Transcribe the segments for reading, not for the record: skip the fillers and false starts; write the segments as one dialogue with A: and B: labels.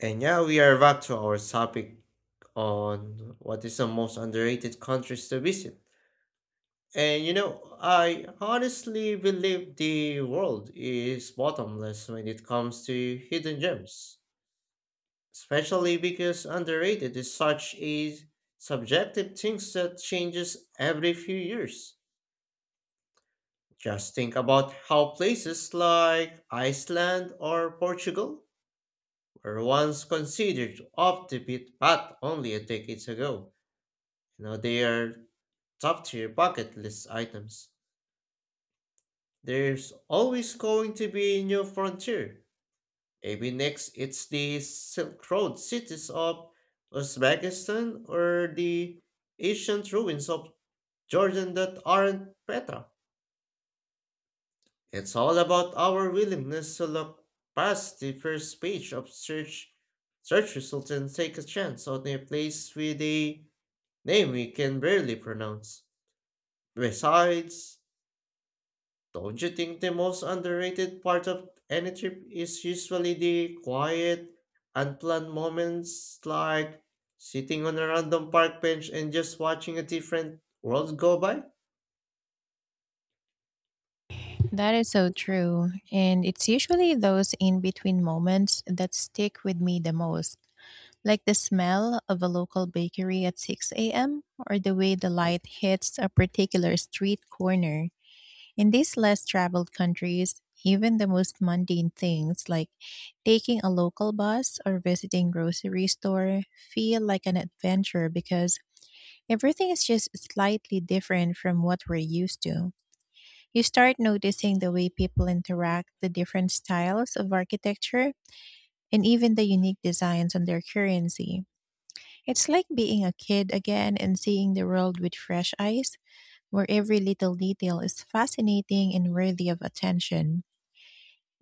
A: And yeah, we are back to our topic on what is the most underrated countries to visit. And I honestly believe the world is bottomless when it comes to hidden gems, especially because underrated is such a subjective thing that changes every few years. Just think about how places like Iceland or Portugal were once considered off the beat path only a decade ago. They are top tier bucket list items. There's always going to be a new frontier. Maybe next it's the Silk Road cities of Uzbekistan or the ancient ruins of Jordan that aren't Petra. It's all about our willingness to look past the first page of search results and take a chance on a place with a name we can barely pronounce. Besides, don't you think the most underrated part of any trip is usually the quiet, unplanned moments like sitting on a random park bench and just watching a different world go by?
B: That is so true. And it's usually those in between moments that stick with me the most, like the smell of a local bakery at 6 a.m. or the way the light hits a particular street corner. In these less traveled countries, even the most mundane things like taking a local bus or visiting grocery store feel like an adventure because everything is just slightly different from what we're used to. You start noticing the way people interact, the different styles of architecture, and even the unique designs on their currency. It's like being a kid again and seeing the world with fresh eyes, where every little detail is fascinating and worthy of attention.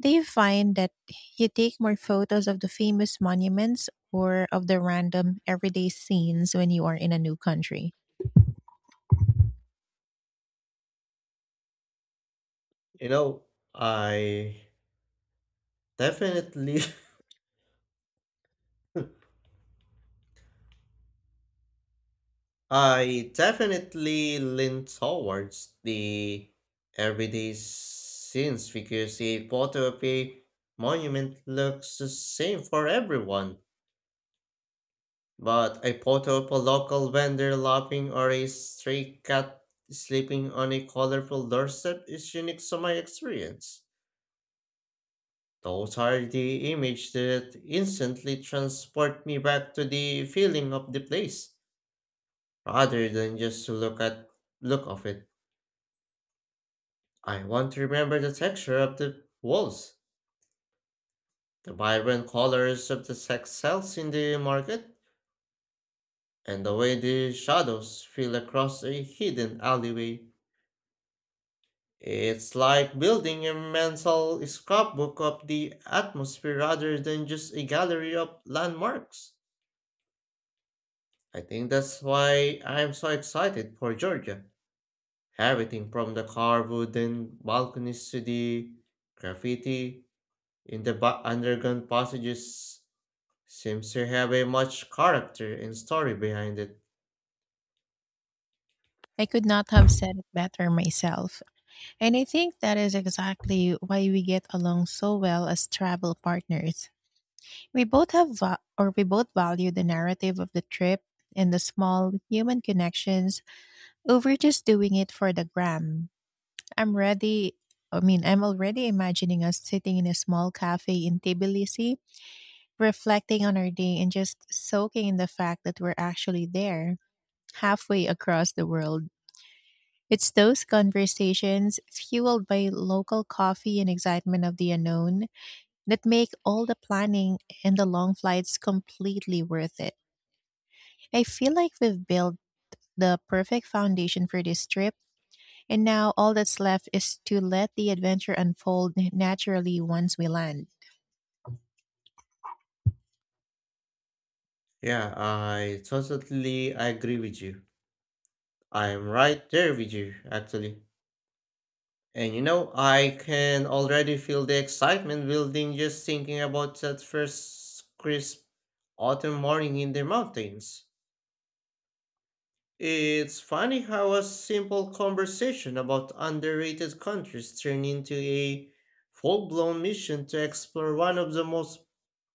B: Do you find that you take more photos of the famous monuments or of the random everyday scenes when you are in a new country?
A: You know, I definitely I definitely lean towards the everyday scenes, because a photo of a monument looks the same for everyone. But a photo of a local vendor laughing or a stray cat sleeping on a colorful doorstep is unique to my experience. Those are the images that instantly transport me back to the feeling of the place, rather than just to look at look of it. I want to remember the texture of the walls, the vibrant colors of the sex cells in the market, and the way the shadows feel across a hidden alleyway. It's like building a mental scrapbook of the atmosphere rather than just a gallery of landmarks. I think that's why I'm so excited for Georgia. Everything from the carved wooden balconies to the graffiti in the underground passages seems to have a much character and story behind it.
B: I could not have said it better myself. And I think that is exactly why we get along so well as travel partners. We both value the narrative of the trip and the small human connections over just doing it for the gram. I'm ready. I mean, I'm already imagining us sitting in a small cafe in Tbilisi, reflecting on our day and just soaking in the fact that we're actually there, halfway across the world. It's those conversations, fueled by local coffee and excitement of the unknown, that make all the planning and the long flights completely worth it. I feel like we've built the perfect foundation for this trip, and now all that's left is to let the adventure unfold naturally once we land.
A: Yeah, I totally agree with you. I'm right there with you, actually. And I can already feel the excitement building just thinking about that first crisp autumn morning in the mountains. It's funny how a simple conversation about underrated countries turned into a full blown mission to explore one of the most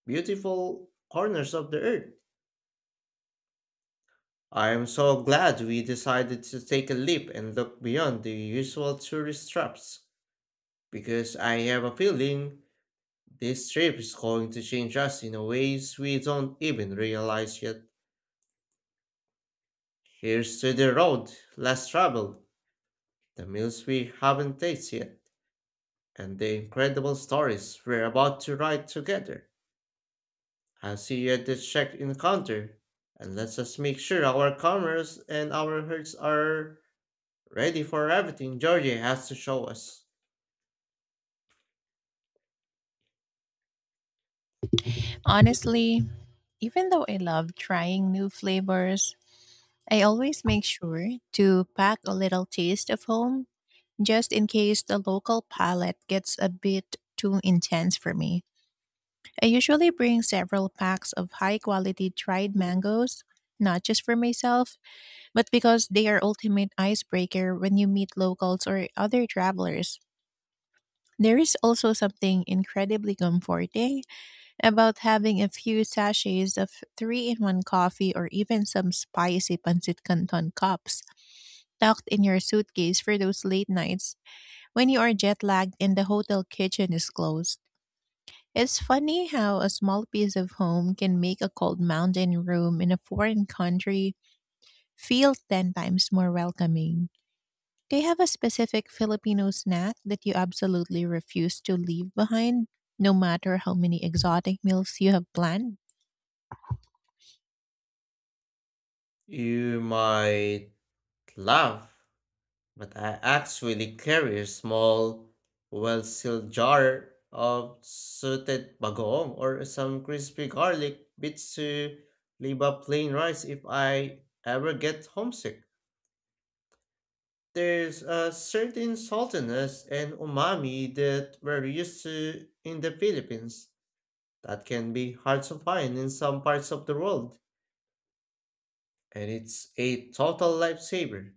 A: beautiful corners of the earth. I am so glad we decided to take a leap and look beyond the usual tourist traps, because I have a feeling this trip is going to change us in ways we don't even realize yet. Here's to the road less traveled, the meals we haven't tasted yet, and the incredible stories we're about to write together. I'll see you at the check-in counter, and let's just make sure our cameras and our hearts are ready for everything Georgie has to show us.
B: Honestly, even though I love trying new flavors, I always make sure to pack a little taste of home just in case the local palette gets a bit too intense for me. I usually bring several packs of high quality dried mangoes, not just for myself, but because they are ultimate icebreaker when you meet locals or other travelers. There is also something incredibly comforting about having a few sachets of 3-in-1 coffee or even some spicy pancit canton cups tucked in your suitcase for those late nights when you are jet lagged and the hotel kitchen is closed. It's funny how a small piece of home can make a cold mountain room in a foreign country feel 10 times more welcoming. Do you have a specific Filipino snack that you absolutely refuse to leave behind, no matter how many exotic meals you have planned?
A: You might laugh, but I actually carry a small, well sealed jar of sauteed bagoong or some crispy garlic bits to leave up plain rice if I ever get homesick. There's a certain saltiness and umami that we're used to in the Philippines that can be hard to find in some parts of the world, and it's a total lifesaver.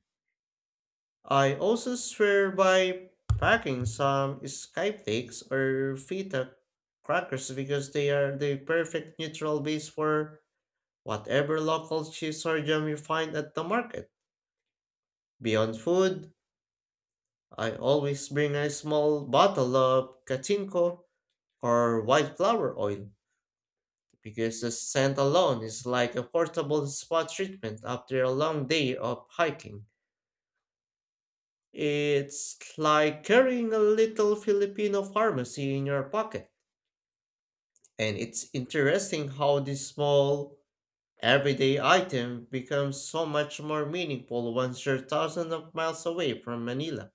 A: I also swear by packing some skyflakes or feta crackers because they are the perfect neutral base for whatever local cheese or jam you find at the market. Beyond food, I always bring a small bottle of katinko or white flower oil because the scent alone is like a portable spa treatment after a long day of hiking. It's like carrying a little Filipino pharmacy in your pocket. And it's interesting how this small, everyday item becomes so much more meaningful once you're thousands of miles away from Manila.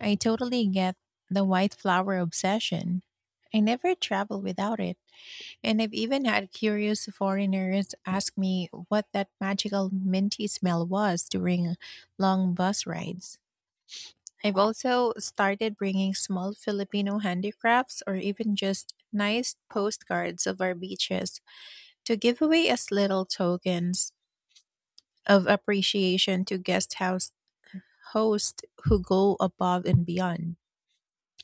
B: I totally get the white flour obsession. I never travel without it. And I've even had curious foreigners ask me what that magical minty smell was during long bus rides. I've also started bringing small Filipino handicrafts or even just nice postcards of our beaches to give away as little tokens of appreciation to guest house hosts who go above and beyond.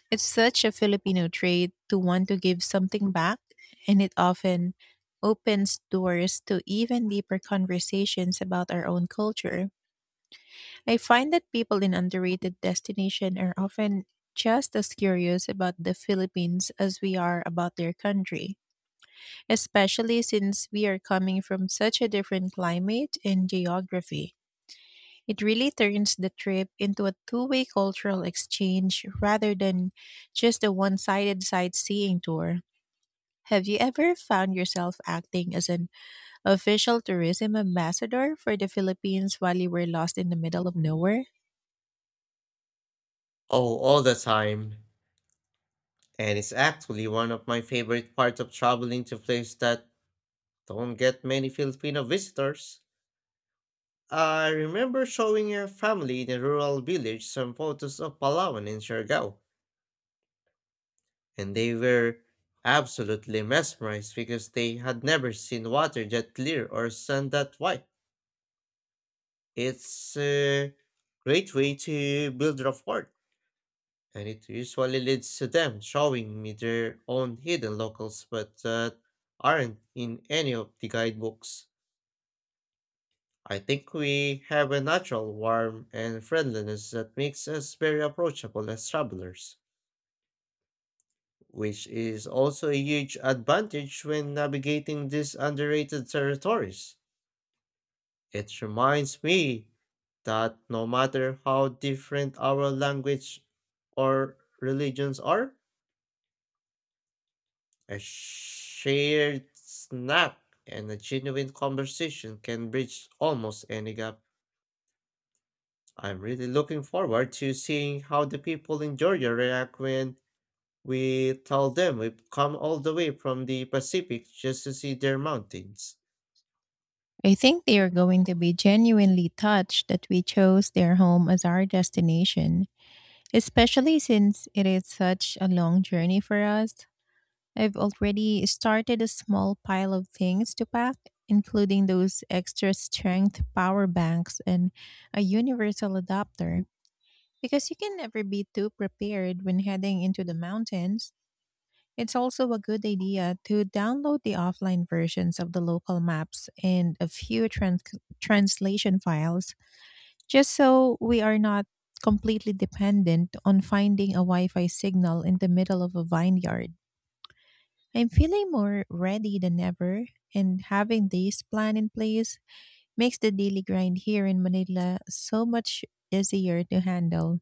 B: It's such a Filipino trait to want to give something back, and it often opens doors to even deeper conversations about our own culture. I find that people in underrated destinations are often just as curious about the Philippines as we are about their country, especially since we are coming from such a different climate and geography. It really turns the trip into a two-way cultural exchange rather than just a one sided sightseeing tour. Have you ever found yourself acting as an official tourism ambassador for the Philippines while you were lost in the middle of nowhere?
A: Oh, all the time. And it's actually one of my favorite parts of traveling to places that don't get many Filipino visitors. I remember showing a family in a rural village some photos of Palawan and Siargao, and they were absolutely mesmerized because they had never seen water that clear or sun that white. It's a great way to build rapport, and it usually leads to them showing me their own hidden locals but that aren't in any of the guidebooks. I think we have a natural warmth and friendliness that makes us very approachable as travelers, which is also a huge advantage when navigating these underrated territories. It reminds me that no matter how different our language or religions are, a shared snack and a genuine conversation can bridge almost any gap. I'm really looking forward to seeing how the people in Georgia react when we tell them we've come all the way from the Pacific just to see their mountains.
B: I think they are going to be genuinely touched that we chose their home as our destination, especially since it is such a long journey for us. I've already started a small pile of things to pack, including those extra strength power banks and a universal adapter, because you can never be too prepared when heading into the mountains. It's also a good idea to download the offline versions of the local maps and a few translation files, just so we are not completely dependent on finding a Wi Fi signal in the middle of a vineyard. I'm feeling more ready than ever, and having this plan in place makes the daily grind here in Manila so much easier to handle.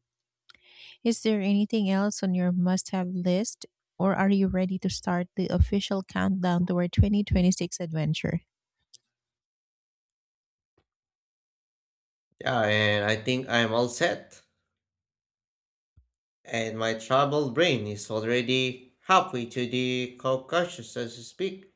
B: Is there anything else on your must have list, or are you ready to start the official countdown to our 2026 adventure?
A: Yeah, and I think I'm all set. And my troubled brain is already halfway to the Caucasus as we speak.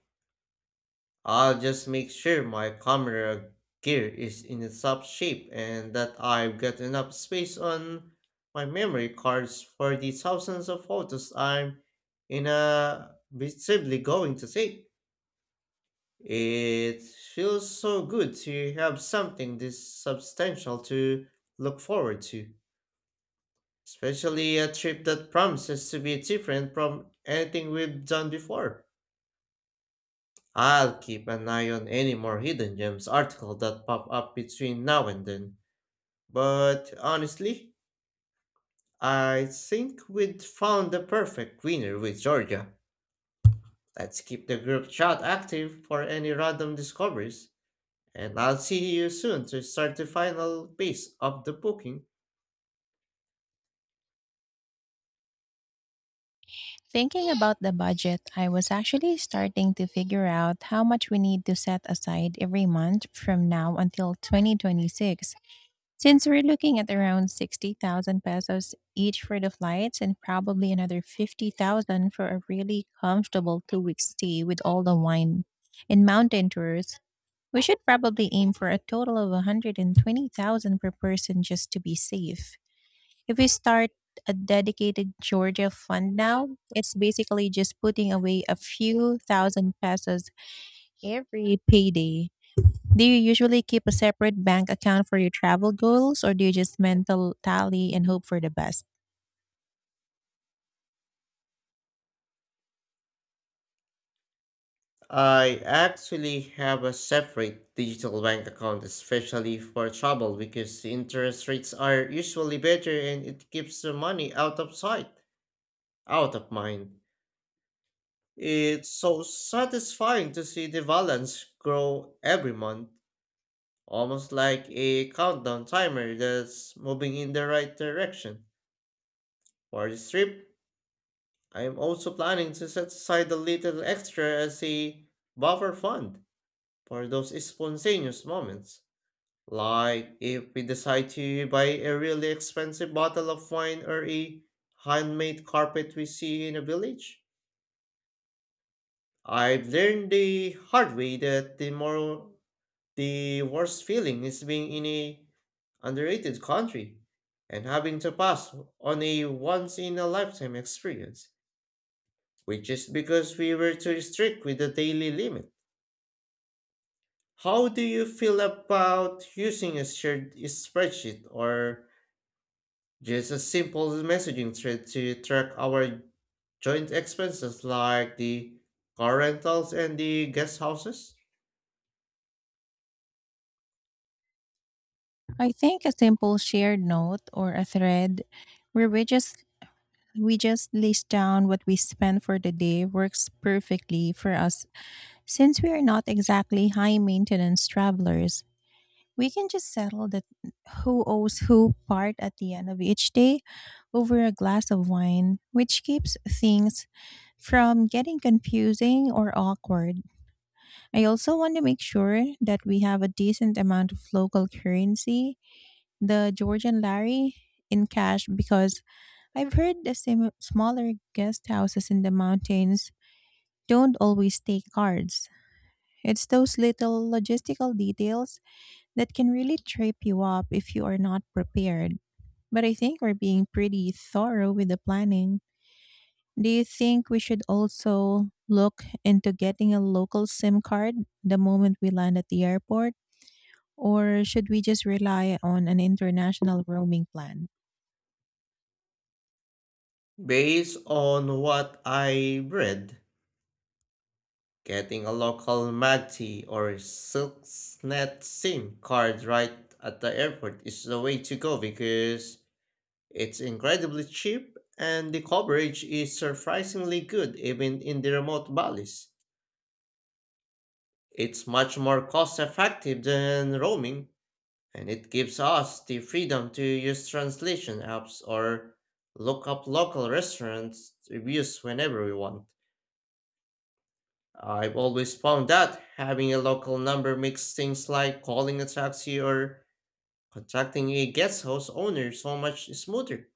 A: I'll just make sure my camera gear is in its top shape and that I've got enough space on my memory cards for the thousands of photos I'm inevitably going to take. It feels so good to have something this substantial to look forward to, especially a trip that promises to be different from anything we've done before. I'll keep an eye on any more Hidden Gems articles that pop up between now and then. But honestly, I think we'd found the perfect winner with Georgia. Let's keep the group chat active for any random discoveries. And I'll see you soon to start the final piece of the booking.
B: Thinking about the budget, I was actually starting to figure out how much we need to set aside every month from now until 2026. Since we're looking at around 60,000 pesos each for the flights and probably another 50,000 for a really comfortable 2-week stay with all the wine and mountain tours, we should probably aim for a total of 120,000 per person just to be safe. If we start a dedicated Georgia fund now, it's basically just putting away a few thousand pesos every payday. Do you usually keep a separate bank account for your travel goals, or do you just mental tally and hope for the best?
A: I actually have a separate digital bank account, especially for travel, because the interest rates are usually better and it keeps the money out of sight, out of mind. It's so satisfying to see the balance grow every month, almost like a countdown timer that's moving in the right direction. For this trip, I am also planning to set aside a little extra as a buffer fund for those spontaneous moments, like if we decide to buy a really expensive bottle of wine or a handmade carpet we see in a village. I have learned the hard way that the worst feeling is being in a underrated country and having to pass on a once in a lifetime experience, which is because we were too strict with the daily limit. How do you feel about using a shared spreadsheet or just a simple messaging thread to track our joint expenses like the car rentals and the guest houses?
B: I think a simple shared note or a thread where we just list down what we spend for the day works perfectly for us since we are not exactly high maintenance travelers. We can just settle the who owes who part at the end of each day over a glass of wine, which keeps things from getting confusing or awkward. I also want to make sure that we have a decent amount of local currency, the Georgian lari, in cash because I've heard the same smaller guest houses in the mountains don't always take cards. It's those little logistical details that can really trip you up if you are not prepared. But I think we're being pretty thorough with the planning. Do you think we should also look into getting a local SIM card the moment we land at the airport? Or should we just rely on an international roaming plan?
A: Based on what I read, getting a local MAGTI or Silksnet SIM card right at the airport is the way to go, because it's incredibly cheap and the coverage is surprisingly good even in the remote valleys. It's much more cost effective than roaming, and it gives us the freedom to use translation apps or look up local restaurants reviews whenever we want. I've always found that having a local number makes things like calling a taxi or contacting a guest house owner so much smoother.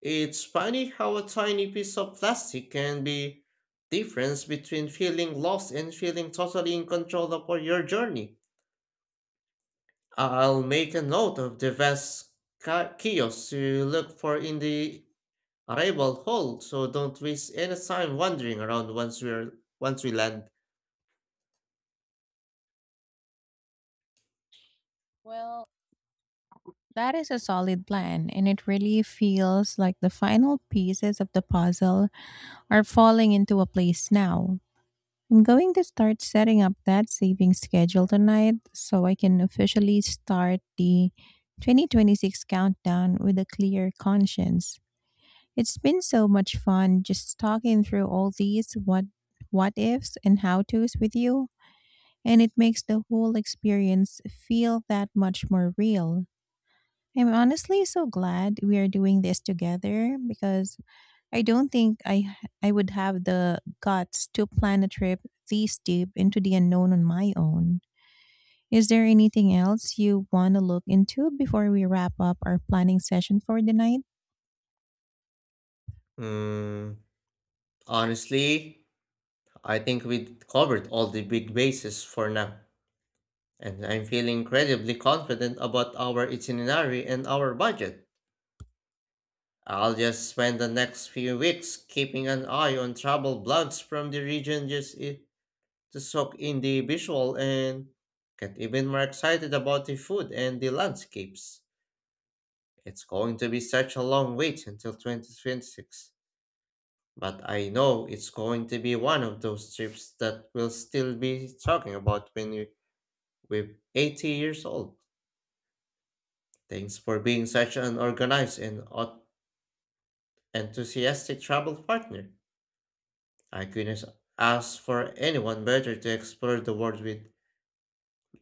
A: It's funny how a tiny piece of plastic can be difference between feeling lost and feeling totally in control of all your journey. I'll make a note of the best kiosk to look for in the arrival hall, so don't waste any time wandering around once we land.
B: Well, that is a solid plan, and it really feels like the final pieces of the puzzle are falling into a place now. I'm going to start setting up that savings schedule tonight so I can officially start the 2026 countdown with a clear conscience. It's been so much fun just talking through all these what ifs and how tos with you, and it makes the whole experience feel that much more real. I'm honestly so glad we are doing this together because I don't think I would have the guts to plan a trip this deep into the unknown on my own. Is there anything else you want to look into before we wrap up our planning session for the night?
A: Mm, honestly, I think we covered all the big bases for now, and I'm feeling incredibly confident about our itinerary and our budget. I'll just spend the next few weeks keeping an eye on travel blogs from the region, just to soak in the visual and get even more excited about the food and the landscapes. It's going to be such a long wait until 2026, but I know it's going to be one of those trips that we'll still be talking about when we with 80 years old. Thanks for being such an organized and enthusiastic travel partner. I couldn't ask for anyone better to explore the world with.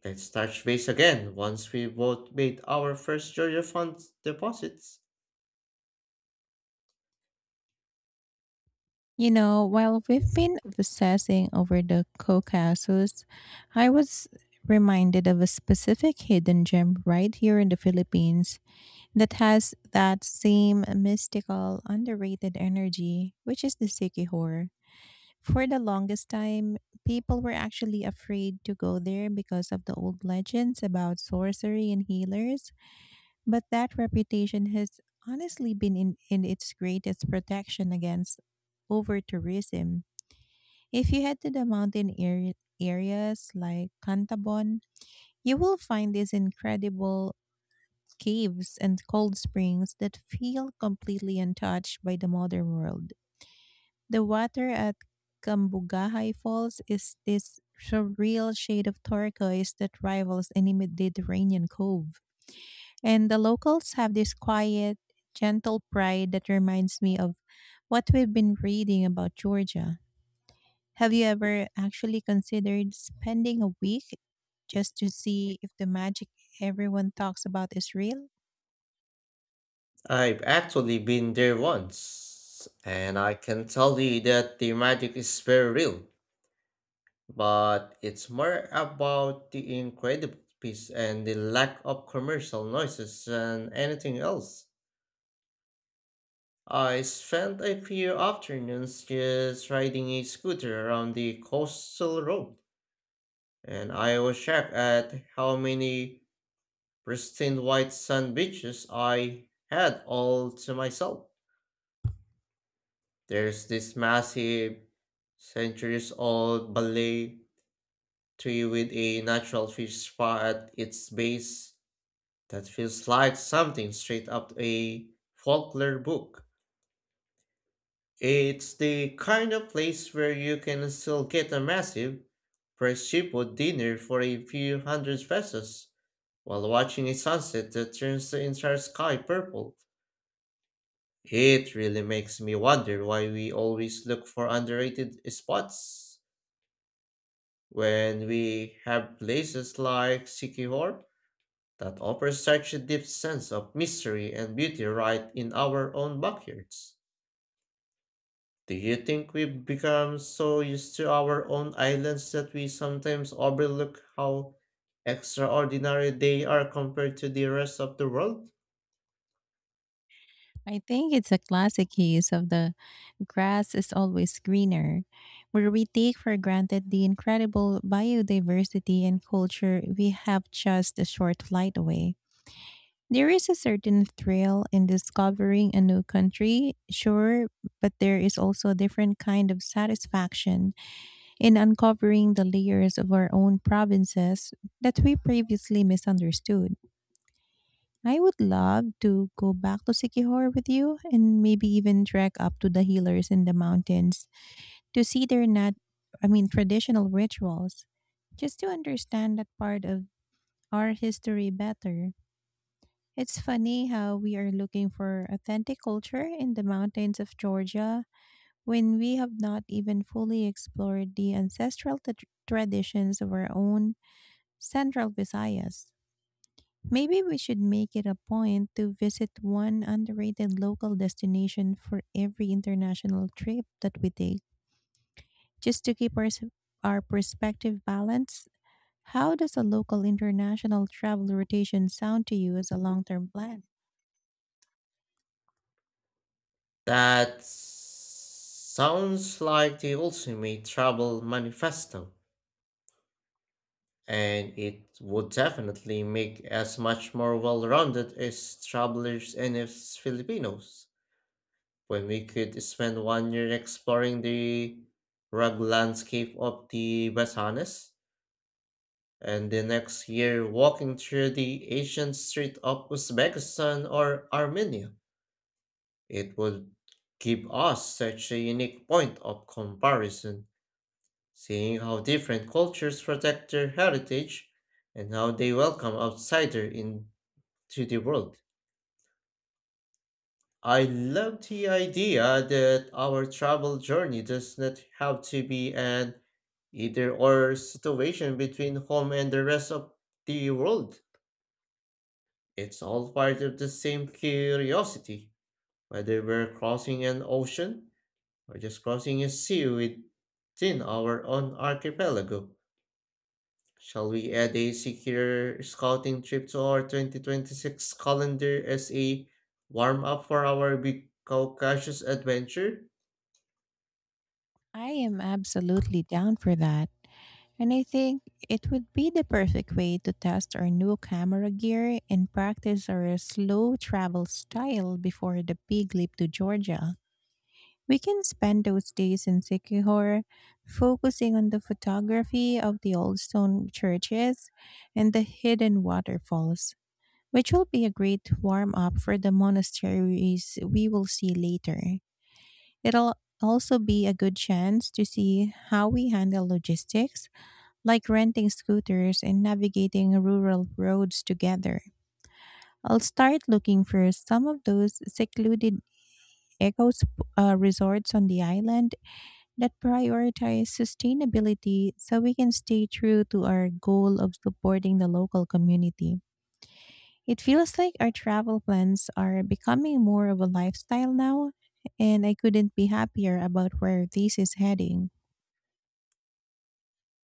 A: Let's touch base again once we both made our first Georgia Fund deposits.
B: You know, while we've been obsessing over the Caucasus, I was reminded of a specific hidden gem right here in the Philippines that has that same mystical, underrated energy, which is the Sikihor. For the longest time, people were actually afraid to go there because of the old legends about sorcery and healers, but that reputation has honestly been in its greatest protection against over tourism. If you head to the mountain areas like Cantabon, you will find these incredible caves and cold springs that feel completely untouched by the modern world. The water at Cambugahay Falls is this surreal shade of turquoise that rivals any Mediterranean cove. And the locals have this quiet, gentle pride that reminds me of what we've been reading about Georgia. Have you ever actually considered spending a week just to see if the magic everyone talks about is real?
A: I've actually been there once, and I can tell you that the magic is very real, but it's more about the incredible peace and the lack of commercial noises than anything else. I spent a few afternoons just riding a scooter around the coastal road, and I was shocked at how many pristine white sand beaches I had all to myself. There's this massive, centuries old ballet tree with a natural fish spa at its base that feels like something straight up a folklore book. It's the kind of place where you can still get a massive, prosciutto dinner for a few hundred pesos while watching a sunset that turns the entire sky purple. It really makes me wonder why we always look for underrated spots when we have places like Sikihor that offer such a deep sense of mystery and beauty right in our own backyards. Do you think we've become so used to our own islands that we sometimes overlook how extraordinary they are compared to the rest of the world?
B: I think it's a classic case of the grass is always greener, where we take for granted the incredible biodiversity and culture we have just a short flight away. There is a certain thrill in discovering a new country, sure, but there is also a different kind of satisfaction in uncovering the layers of our own provinces that we previously misunderstood. I would love to go back to Sikihor with you and maybe even trek up to the healers in the mountains to see their not I mean traditional rituals just to understand that part of our history better. It's funny how we are looking for authentic culture in the mountains of Georgia when we have not even fully explored the ancestral traditions of our own central Visayas. Maybe we should make it a point to visit one underrated local destination for every international trip that we take. Just to keep our perspective balanced, how does a local international travel rotation sound to you as a long term plan?
A: That sounds like the ultimate travel manifesto, and it would definitely make us much more well rounded as travelers and as Filipinos. When we could spend one year exploring the rugged landscape of the Batanes and the next year walking through the ancient street of Uzbekistan or Armenia. It would give us such a unique point of comparison, seeing how different cultures protect their heritage and how they welcome outsiders into the world. I love the idea that our travel journey does not have to be an either or situation between home and the rest of the world. It's all part of the same curiosity, whether we're crossing an ocean or just crossing a sea within our own archipelago. Shall we add a secure scouting trip to our 2026 calendar as a warm up for our big Caucasus adventure?
B: I am absolutely down for that. And I think it would be the perfect way to test our new camera gear and practice our slow travel style before the big leap to Georgia. We can spend those days in Sikihor focusing on the photography of the old stone churches and the hidden waterfalls, which will be a great warm up for the monasteries we will see later. It'll also be a good chance to see how we handle logistics, like renting scooters and navigating rural roads together. I'll start looking for some of those secluded eco resorts on the island that prioritize sustainability so we can stay true to our goal of supporting the local community. It feels like our travel plans are becoming more of a lifestyle now, and I couldn't be happier about where this is heading.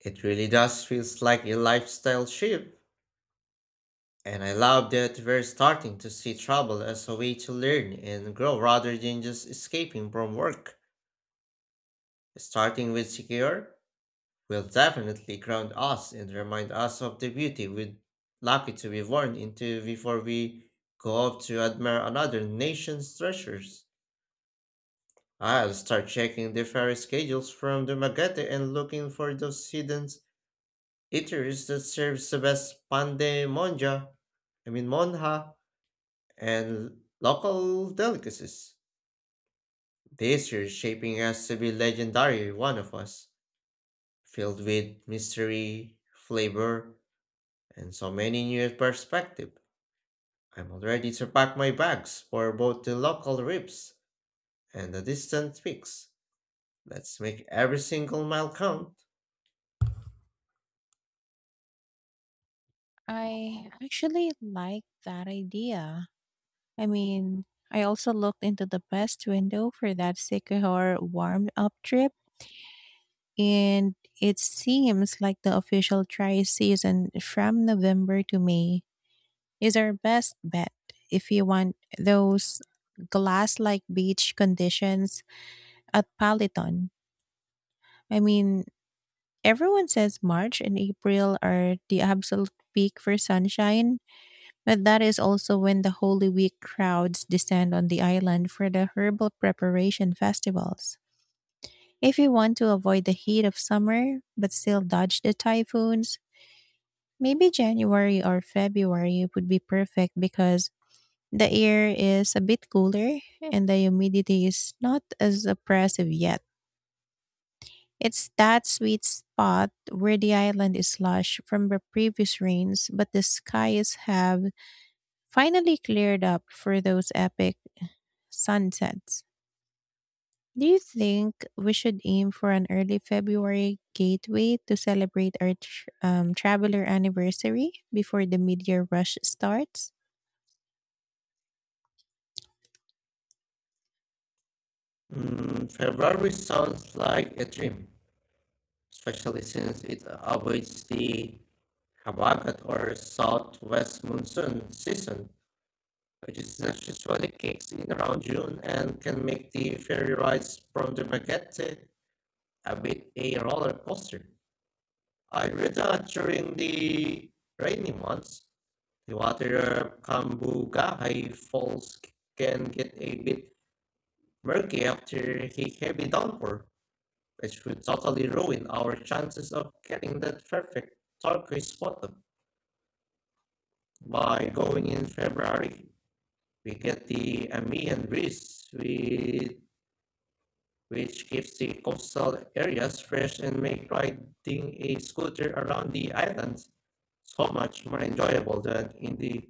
A: It really does feels like a lifestyle shift, and I love that we're starting to see travel as a way to learn and grow rather than just escaping from work. Starting with Secure will definitely ground us and remind us of the beauty we're lucky to be born into before we go off to admire another nation's treasures. I'll start checking the ferry schedules from the Magate and looking for those hidden eateries that serves the best pande monja, I mean monja, and local delicacies. This year's shaping us to be legendary, one of us, filled with mystery, flavor, and so many new perspectives. I'm already to pack my bags for both the local trips and the distant peaks. Let's make every single mile count.
B: I actually like that idea. I mean, I also looked into the best window for that Sycamore warm up trip, and it seems like the official tri season from November to May is our best bet if you want those glass like beach conditions at Palaton. I mean, everyone says March and April are the absolute peak for sunshine, but that is also when the Holy Week crowds descend on the island for the herbal preparation festivals. If you want to avoid the heat of summer but still dodge the typhoons, maybe January or February would be perfect because the air is a bit cooler and the humidity is not as oppressive yet. It's that sweet spot where the island is lush from the previous rains, but the skies have finally cleared up for those epic sunsets. Do you think we should aim for an early February gateway to celebrate our traveler anniversary before the meteor rush starts?
A: February sounds like a dream, especially since it avoids the Habagat or southwest monsoon season, which is that usually kicks in around June and can make the ferry rides from the Magete a bit a roller coaster. I read that during the rainy months, the water Kambugahai Falls can get a bit murky after a heavy downpour, which would totally ruin our chances of getting that perfect turquoise bottom. By going in February, we get the Amihan breeze with, which keeps the coastal areas fresh and make riding a scooter around the islands so much more enjoyable than in the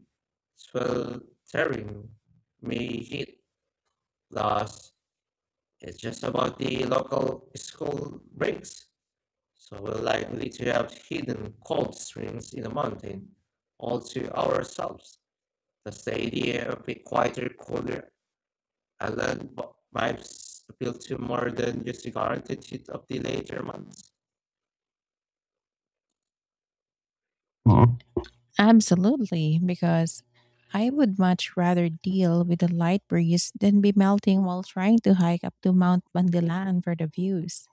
A: sweltering May heat loss. It's just about the local school breaks, so we're likely to have hidden cold springs in the mountain all to ourselves. That's the idea of a quieter, cooler, I learned, vibes appeal to more than just the guaranteed hit of the later months.
B: Absolutely, because I would much rather deal with a light breeze than be melting while trying to hike up to Mount Bandilan for the views.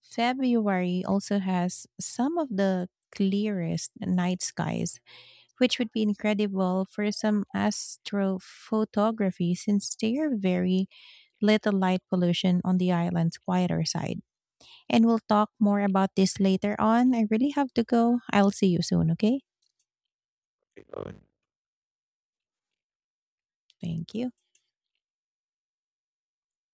B: February also has some of the clearest night skies, which would be incredible for some astrophotography since there are very little light pollution on the island's quieter side. And we'll talk more about this later on. I really have to go. I'll see you soon, okay?
A: Okay, go ahead.
B: Thank you.